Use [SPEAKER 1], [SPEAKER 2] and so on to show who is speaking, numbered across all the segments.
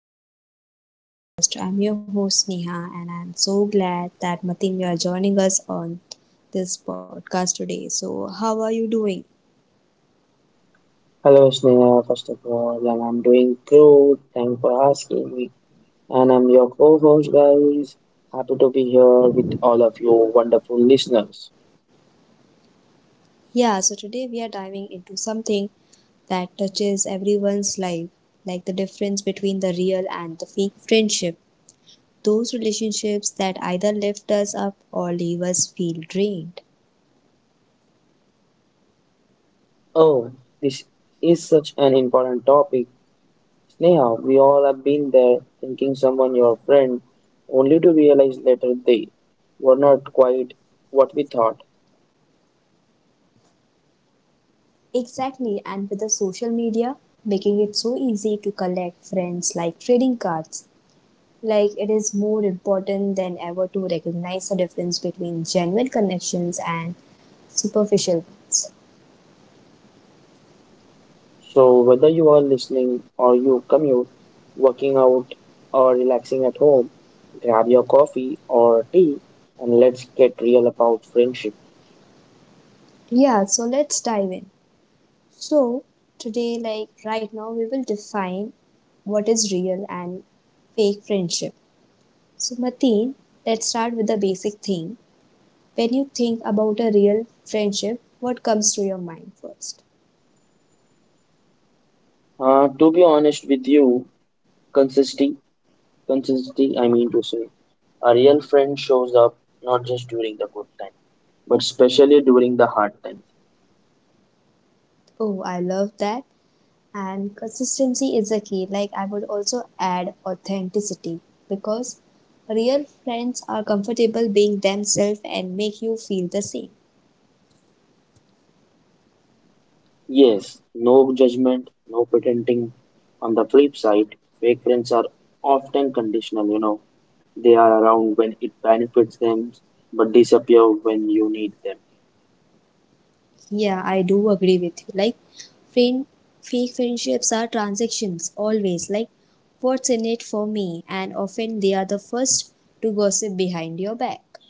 [SPEAKER 1] Real Talk, this podcast. I'm your host Neha, and I'm so glad that Matin, you are joining us on this podcast today. So, how are you doing?
[SPEAKER 2] Hello, Sneha. First of all, and I'm doing good. Thanks for asking me. And I'm your co-host, guys. Happy to be here with all of you wonderful listeners.
[SPEAKER 1] Yeah, so today we are diving into something that touches everyone's life, like the difference between the real and the fake friendship, those relationships that either lift us up or leave us feel drained.
[SPEAKER 2] Oh, this is such an important topic. Sneha, we all have been there thinking someone your friend, only to realize later they were not quite what we thought.
[SPEAKER 1] Exactly, and with the social media making it so easy to collect friends like trading cards, like it is more important than ever to recognize the difference between genuine connections and superficial ones.
[SPEAKER 2] So, whether you are listening or you commute, working out, or relaxing at home, grab your coffee or tea and let's get real about friendship.
[SPEAKER 1] Yeah, so let's dive in. So, today, like right now, we will define what is real and fake friendship. So, Mateen, let's start with the basic thing. When you think about a real friendship, what comes to your mind first?
[SPEAKER 2] To be honest with you, consistency, consistency, I mean to say, a real friend shows up not just during the good time, but especially during the hard times.
[SPEAKER 1] Oh, I love that. And consistency is a key. Like, I would also add authenticity because real friends are comfortable being themselves and make you feel the same.
[SPEAKER 2] Yes, no judgment, no pretending. On the flip side, fake friends are often conditional. They are around when it benefits them, but disappear when you need them.
[SPEAKER 1] Yeah, I do agree with you. Like, friend, fake friendships are transactions always, like what's in it for me, and often they are the first to gossip behind your back.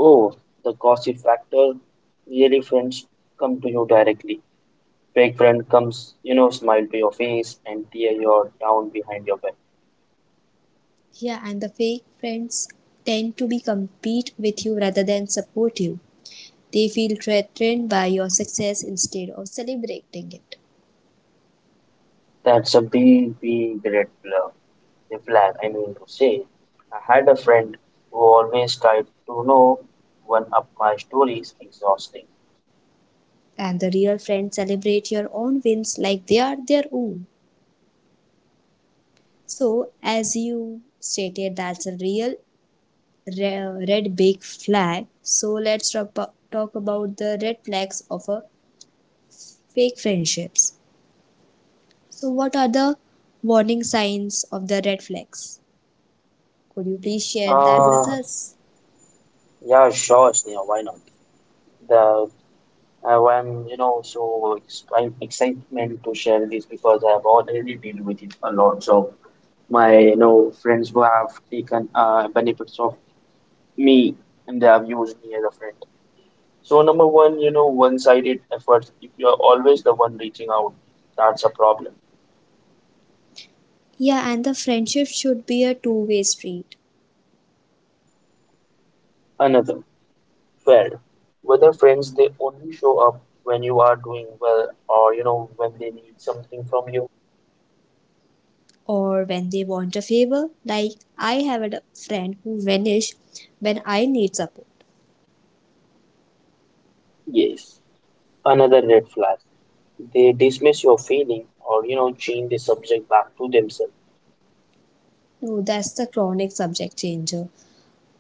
[SPEAKER 2] Oh, the gossip factor. Really, friends come to you directly. Fake friend comes, smile to your face and tear your down behind your back.
[SPEAKER 1] Yeah, and the fake friends tend to be compete with you rather than support you. They feel threatened by your success instead of celebrating it.
[SPEAKER 2] That's a big, big red flag. The flag. I mean to say, I had a friend who always tried to know one up my stories exhausting.
[SPEAKER 1] And the real friends celebrate your own wins like they are their own. So, as you stated, that's a real red big flag. So, let's talk about the red flags of a fake friendships. So, what are the warning signs of the red flags? Could you please share that with
[SPEAKER 2] Uh,
[SPEAKER 1] us?
[SPEAKER 2] yeah, sure, Sneha, why not? The I am, so excitement to share this because I have already dealt with it a lot. So my, friends who have taken benefits of me, and they have used me as a friend. So number one, one-sided efforts. If you are always the one reaching out, that's a problem.
[SPEAKER 1] Yeah, and the friendship should be a two-way street.
[SPEAKER 2] Another. Well, whether friends, they only show up when you are doing well or, when they need something from you.
[SPEAKER 1] Or when they want a favor. Like, I have a friend who vanished when I need support.
[SPEAKER 2] Yes. Another red flag. They dismiss your feeling or, change the subject back to themselves.
[SPEAKER 1] No, that's the chronic subject changer.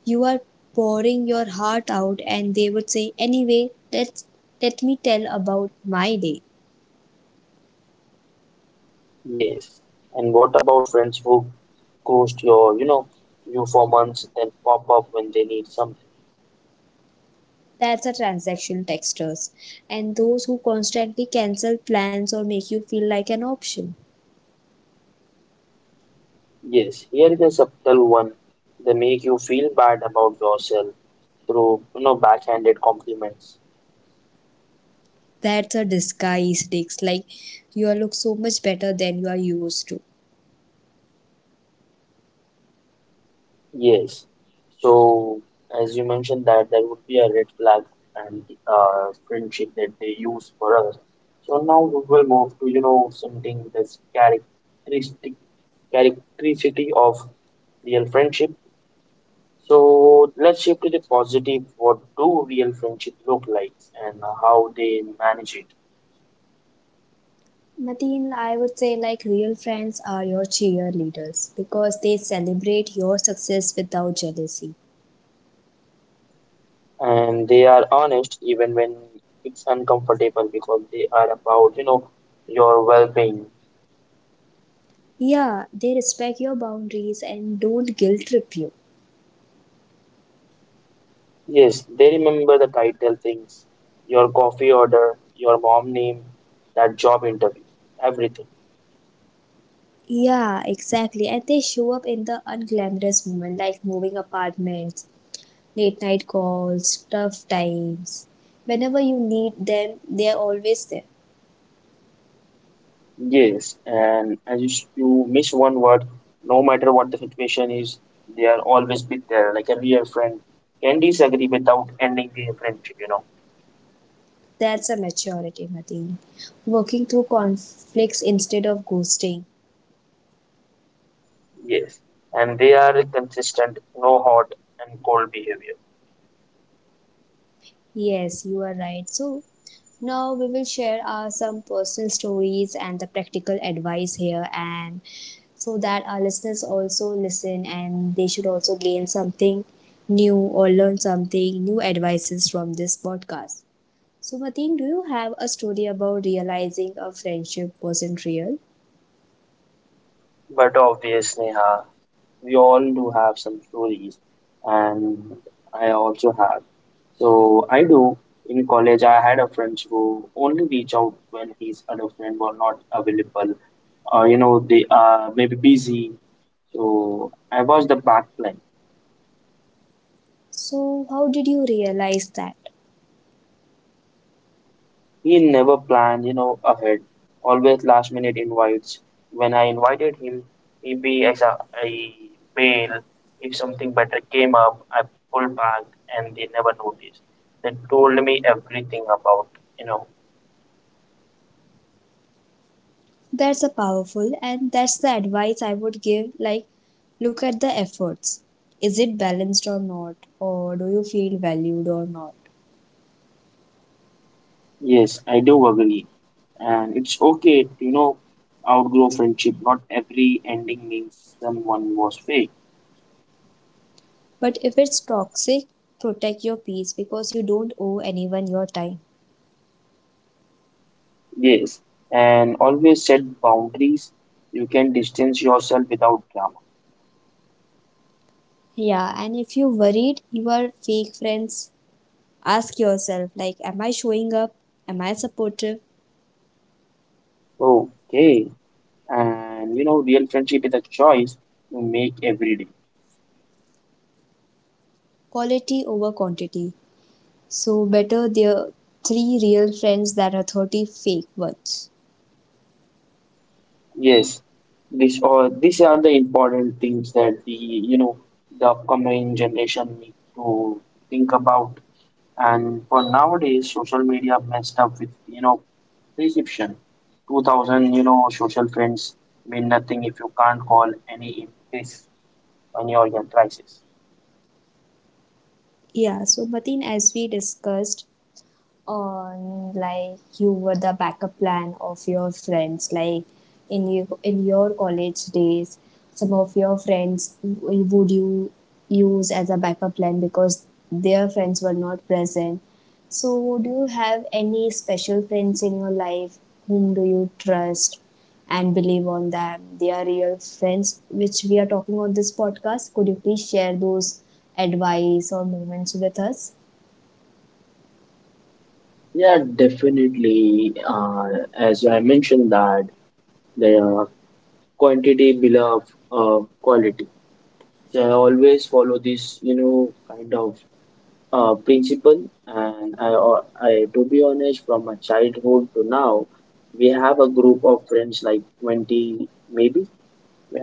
[SPEAKER 1] You are pouring your heart out and they would say anyway, let me tell about my day.
[SPEAKER 2] Yes. And what about friends who ghost your, you for months, then pop up when they need something?
[SPEAKER 1] That's a transactional texters and those who constantly cancel plans or make you feel like an option.
[SPEAKER 2] Yes. Here is a subtle one. They make you feel bad about yourself through, backhanded compliments.
[SPEAKER 1] That's a disguise dicks like you look so much better than you are used to.
[SPEAKER 2] Yes. So, as you mentioned, that there would be a red flag and friendship that they use for us. So now we will move to, something that's characteristic of real friendship. So let's shift to the positive. What do real friendship look like and how they manage it?
[SPEAKER 1] Mateen, I would say like real friends are your cheerleaders because they celebrate your success without jealousy.
[SPEAKER 2] And they are honest even when it's uncomfortable because they are about, your well-being.
[SPEAKER 1] Yeah, they respect your boundaries and don't guilt trip you.
[SPEAKER 2] Yes, they remember the title things, your coffee order, your mom name, that job interview, everything.
[SPEAKER 1] Yeah, exactly. And they show up in the unglamorous moment like moving apartments, late night calls, tough times. Whenever you need them, they are always there.
[SPEAKER 2] Yes, and as you miss one word, no matter what the situation is, they are always be there, like a real friend. Can disagree without ending the friendship.
[SPEAKER 1] That's a maturity, Mateen. Working through conflicts instead of ghosting.
[SPEAKER 2] Yes, and they are consistent, no hot and cold behavior.
[SPEAKER 1] Yes, you are right. So now we will share our some personal stories and the practical advice here and so that our listeners also listen and they should also gain something new or learn something new advices from this podcast. So Mateen, do you have a story about realizing a friendship wasn't real?
[SPEAKER 2] But obvious, Neha. We all do have some stories, and I also have. So I do. In college, I had a friend who only reach out when his other friend were not available, or they are maybe busy. So I was the backline.
[SPEAKER 1] So how did you realize that?
[SPEAKER 2] He never planned, ahead. Always last minute invites. When I invited him, he be as a bail. If something better came up, I pulled back, and they never noticed. They told me everything about, you know.
[SPEAKER 1] That's a powerful, and that's the advice I would give, like look at the efforts. Is it balanced or not? Or do you feel valued or not?
[SPEAKER 2] Yes, I do agree, and it's okay to, outgrow friendship. Not every ending means someone was fake.
[SPEAKER 1] But if it's toxic, protect your peace because you don't owe anyone your time.
[SPEAKER 2] Yes, and always set boundaries. You can distance yourself without drama.
[SPEAKER 1] Yeah, and if you're worried, you are fake friends, ask yourself like, am I showing up? Am I supportive?
[SPEAKER 2] Okay. And real friendship is a choice you make every day.
[SPEAKER 1] Quality over quantity. So better the three real friends than a 30 fake ones.
[SPEAKER 2] Yes, this or these are the important things that the you know the upcoming generation need to think about, and for nowadays social media messed up with perception. 2000 social friends mean nothing if you can't call any in case when you're in crisis.
[SPEAKER 1] Yeah, so Mateen, as we discussed, on like you were the backup plan of your friends, like in you in your college days, some of your friends would you use as a backup plan because their friends were not present, so would you have any special friends in your life whom do you trust and believe on them they are real friends, which we are talking on this podcast? Could you please share those advice or moments with us?
[SPEAKER 2] Yeah, definitely. Uh, as I mentioned, that the quantity below quality. So I always follow this, kind of principle. And I, to be honest, from my childhood to now, we have a group of friends like 20, maybe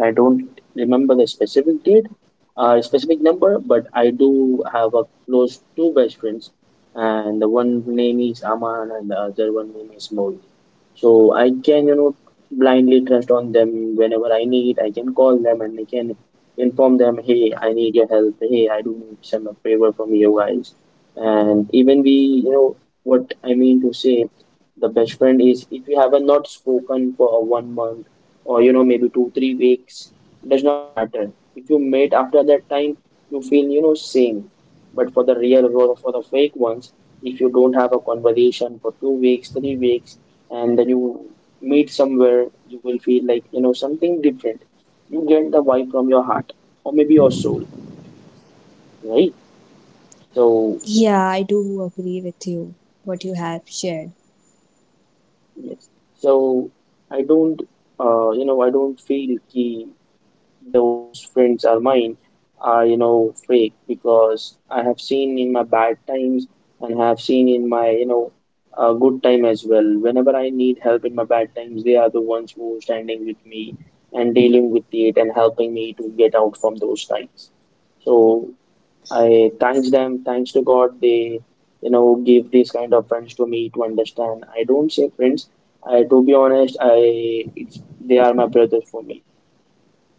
[SPEAKER 2] I don't remember the specific date, specific number, but I do have a close two best friends, and the one name is Aman and the other one name is Mohi. So I can, blindly trust on them whenever I need. I can call them and I can inform them, hey, I need your help. Hey, I do need some favor from you guys. And even we, what I mean to say, the best friend is if you haven't not spoken for a 1 month or maybe 2 3 weeks, does not matter. If you mate after that time, you feel same. But for the real or for the fake ones, if you don't have a conversation for 2 weeks 3 weeks and then you meet somewhere, you will feel like something different. You get the vibe from your heart or maybe your soul, right? So,
[SPEAKER 1] Yeah, I do agree with you, what you have shared.
[SPEAKER 2] yes. So i don't I don't feel key those friends are mine are fake, because I have seen in my bad times and have seen in my good time as well. Whenever I need help in my bad times, they are the ones who are standing with me and dealing with it and helping me to get out from those times. So I thanks them, thanks to God, they give these kind of friends to me to understand. I don't say friends. I, to be honest, I it's they are my brothers for me,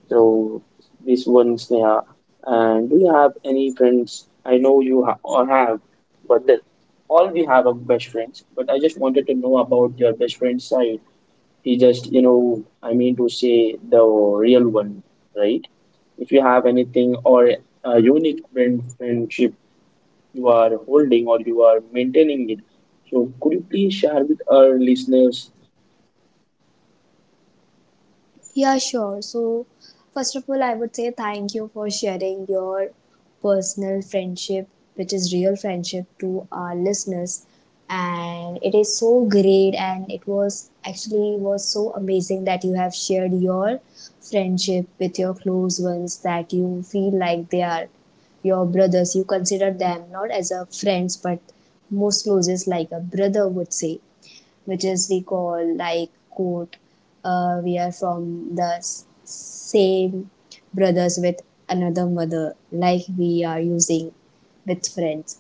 [SPEAKER 2] so this one, Sneha. And do you have any friends? I know you ha or have, but that all we have are best friends. But I just wanted to know about your best friend side. He just, I mean to say, the real one, right? If you have anything or a unique friendship you are holding or you are maintaining it, so could you please share with our listeners?
[SPEAKER 1] Yeah, sure. So, first of all, I would say thank you for sharing your personal friendship, which is real friendship, to our listeners. And it is so great, and it was actually was so amazing that you have shared your friendship with your close ones that you feel like they are your brothers. You consider them not as a friends, but most closest like a brother would say, which is we call like quote, we are from the same brothers with another mother, like we are using with friends.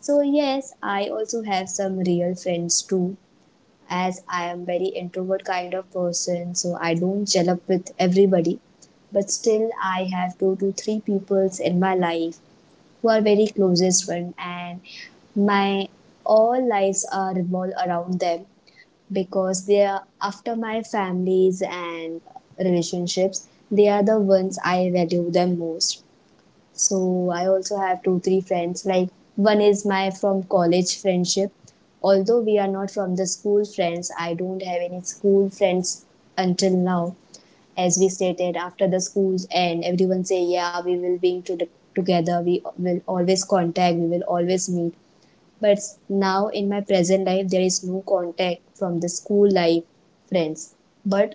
[SPEAKER 1] So yes, I also have some real friends too. As I am very introvert kind of person, so I don't gel up with everybody. But still I have two to three peoples in my life who are very closest friend, and my all lives are revolve around them because they are after my families and relationships. They are the ones I value the most. So I also have two, three friends. Like, one is my from college friendship. Although we are not from the school friends, I don't have any school friends until now. As we stated, after the schools and everyone say, yeah, we will be to the, together we will always contact, we will always meet. But now in my present life, there is no contact from the school life friends. But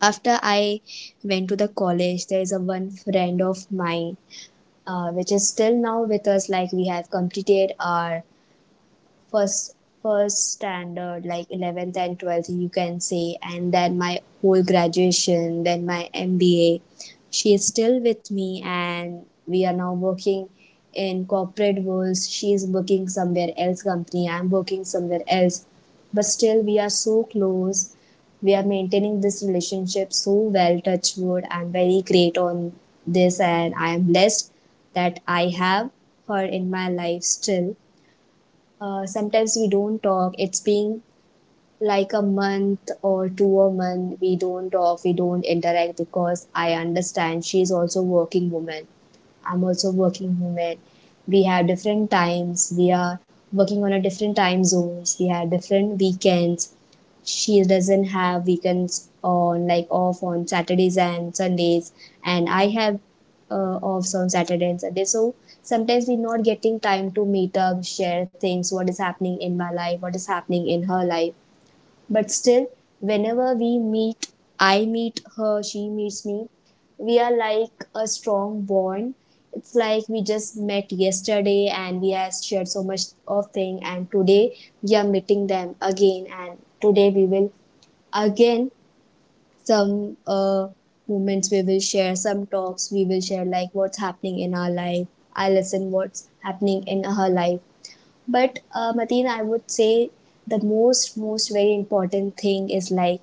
[SPEAKER 1] after I went to the college, there is a one friend of mine, which is still now with us. Like, we have completed our first first standard, like 11th and 12th you can say, and then my whole graduation, then my MBA. She is still with me, and we are now working in corporate worlds. She is working somewhere else company, I'm working somewhere else, but still we are so close. We are maintaining this relationship so well. Touch wood, I'm very great on this, and I am blessed that I have her in my life still. Sometimes we don't talk. It's been like a month or two a month. We don't talk, we don't interact because I understand she's also working woman. I'm also working woman. We have different times. We are working on a different time zones. We have different weekends. She doesn't have weekends on, like, off on Saturdays and Sundays, and I have offs on Saturday and Sunday. So sometimes we're not getting time to meet up, share things, what is happening in my life, what is happening in her life. But still, whenever we meet, I meet her, she meets me, we are like a strong bond. It's like we just met yesterday, and we have shared so much of thing, and today we are meeting them again, and today we will again some moments we will share, some talks we will share, like what's happening in our life, I listen what's happening in her life. But Mateen, I would say the most very important thing is like,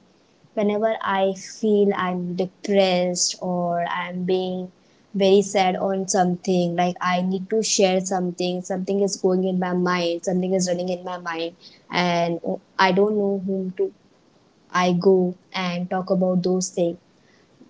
[SPEAKER 1] whenever I feel I'm depressed, or I'm being very sad on something, like I need to share something, something is going in my mind, something is running in my mind, and I don't know whom to, I go and talk about those things.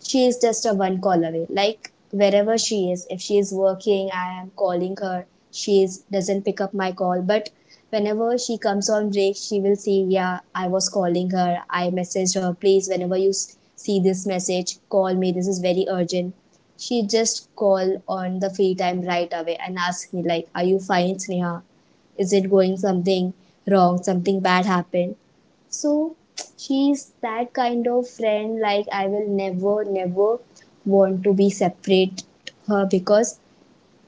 [SPEAKER 1] She is just a one call away. Like wherever she is, if she is working, I am calling her. She is, doesn't pick up my call, but whenever she comes on break, she will see, yeah, I was calling her. I messaged her, please, whenever you see this message, call me. This is very urgent. She just call on the free time right away and ask me like, are you fine, Sneha? Is it going something wrong? Something bad happened? So she's that kind of friend, like I will never want to be separate her because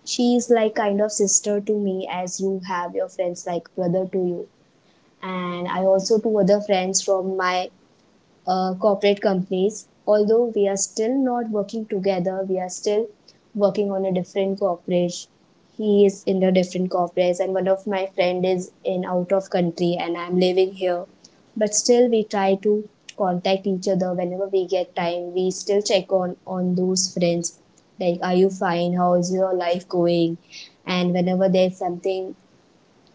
[SPEAKER 1] she is like kind of sister to me, as you have your friends like brother to you. And I also two other friends from my corporate companies. Although we are still not working together, we are still working on a different corporate. He is in a different corporate, and one of my friend is in out of country, and I'm living here. But still, we try to contact each other whenever we get time. We still check on those friends, like, are you fine? How is your life going? And whenever there's something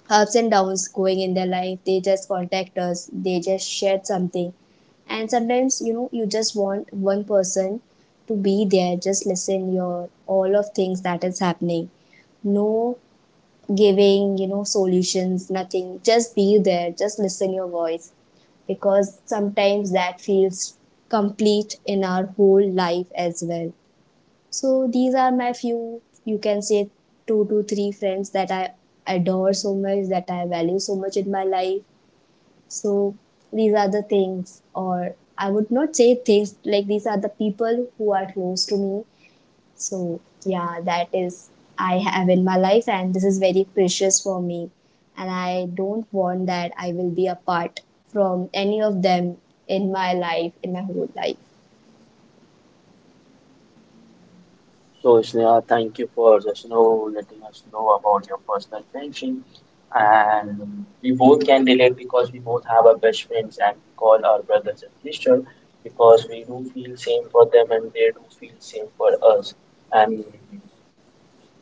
[SPEAKER 1] ups and downs going in their life, they just contact us, they just shared something. And sometimes, you know, you just want one person to be there, just listen your all of things that is happening, no, giving, you know, solutions, nothing, just be there, just listen your voice, because sometimes that feels complete in our whole life as well. So these are my few, you can say, two to three friends that I adore so much, that I value so much in my life. So these are the things, or I would not say things, like these are the people who are close to me. So yeah, that is I have in my life, and this is very precious for me. And I don't want that I will be apart from any of them in my life, in my whole life.
[SPEAKER 2] So, Sneha, thank you for just letting us know about your personal friendship, and we both can relate because we both have our best friends, and we call our brothers and sisters, because we do feel same for them and they do feel same for us. And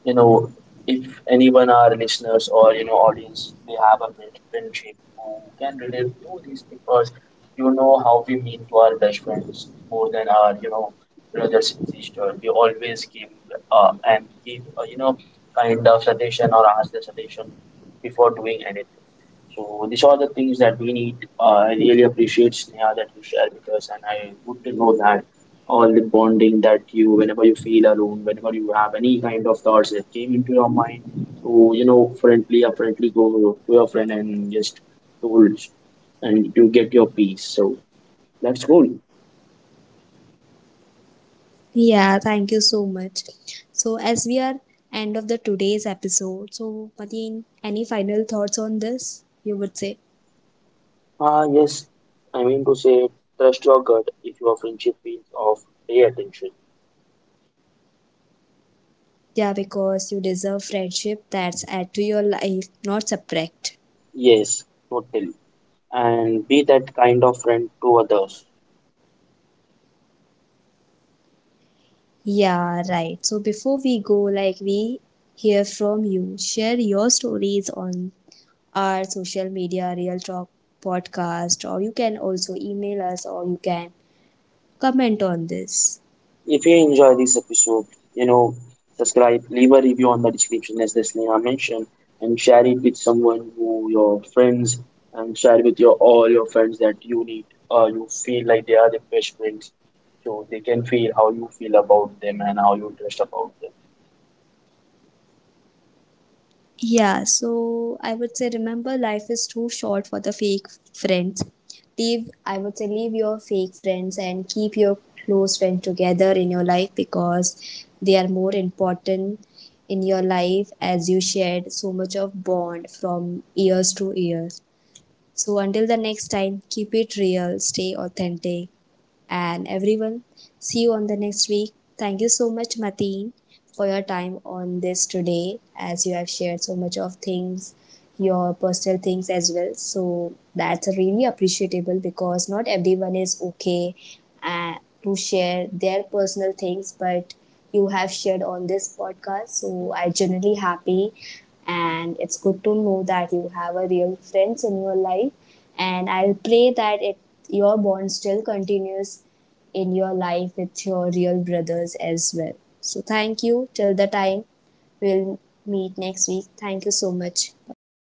[SPEAKER 2] you know, if anyone, our listeners or, audience, they have a best friendship who can relate to this, because you know how we mean to our best friends more than our, brothers and sisters. We always give and give, kind of suggestion or ask the suggestion before doing anything. So these are the things that we need. I really appreciate, Sneha, that you share with us, and I good to know that all the bonding that you, whenever you feel alone, whenever you have any kind of thoughts that came into your mind, to friendly apparently go to your friend and just told, and you get your peace, so that's cool.
[SPEAKER 1] Yeah, thank you so much. So as we are end of the today's episode, so Mateen, any final thoughts on this? You would say,
[SPEAKER 2] Ah, yes, I mean to say, trust your gut. If your friendship feels off, pay attention.
[SPEAKER 1] yeah, because you deserve friendship that's add to your life, not subtract.
[SPEAKER 2] Yes, totally, and be that kind of friend to others.
[SPEAKER 1] Yeah, right. So before we go, like, we hear from you, share your stories on our social media, Real Talk podcast, or you can also email us, or you can comment on this.
[SPEAKER 2] If you enjoy this episode, you know, subscribe, leave a review on the description as this Neha mentioned, and share it with someone who your friends, and share with your all your friends that you need or you feel like they are the best friends. So they can feel how you feel about them and how you trust about them.
[SPEAKER 1] Yeah, so I would say remember life is too short for the fake friends. Leave, I would say leave your fake friends and keep your close friends together in your life because they are more important in your life, as you shared so much of bond from years to years. So until the next time, keep it real, stay authentic and everyone. See you on the next week. Thank you so much, Mateen, for your time on this today, as you have shared so much of things, your personal things as well. So that's really appreciable because not everyone is okay uh, to share their personal things, but you have shared on this podcast. So I genuinely happy, and it's good to know that you have a real friends in your life, and I'll pray that it, your bond still continues in your life with your real brothers as well. So thank you. Till the time, we'll meet next week. Thank you so much. Bye bye.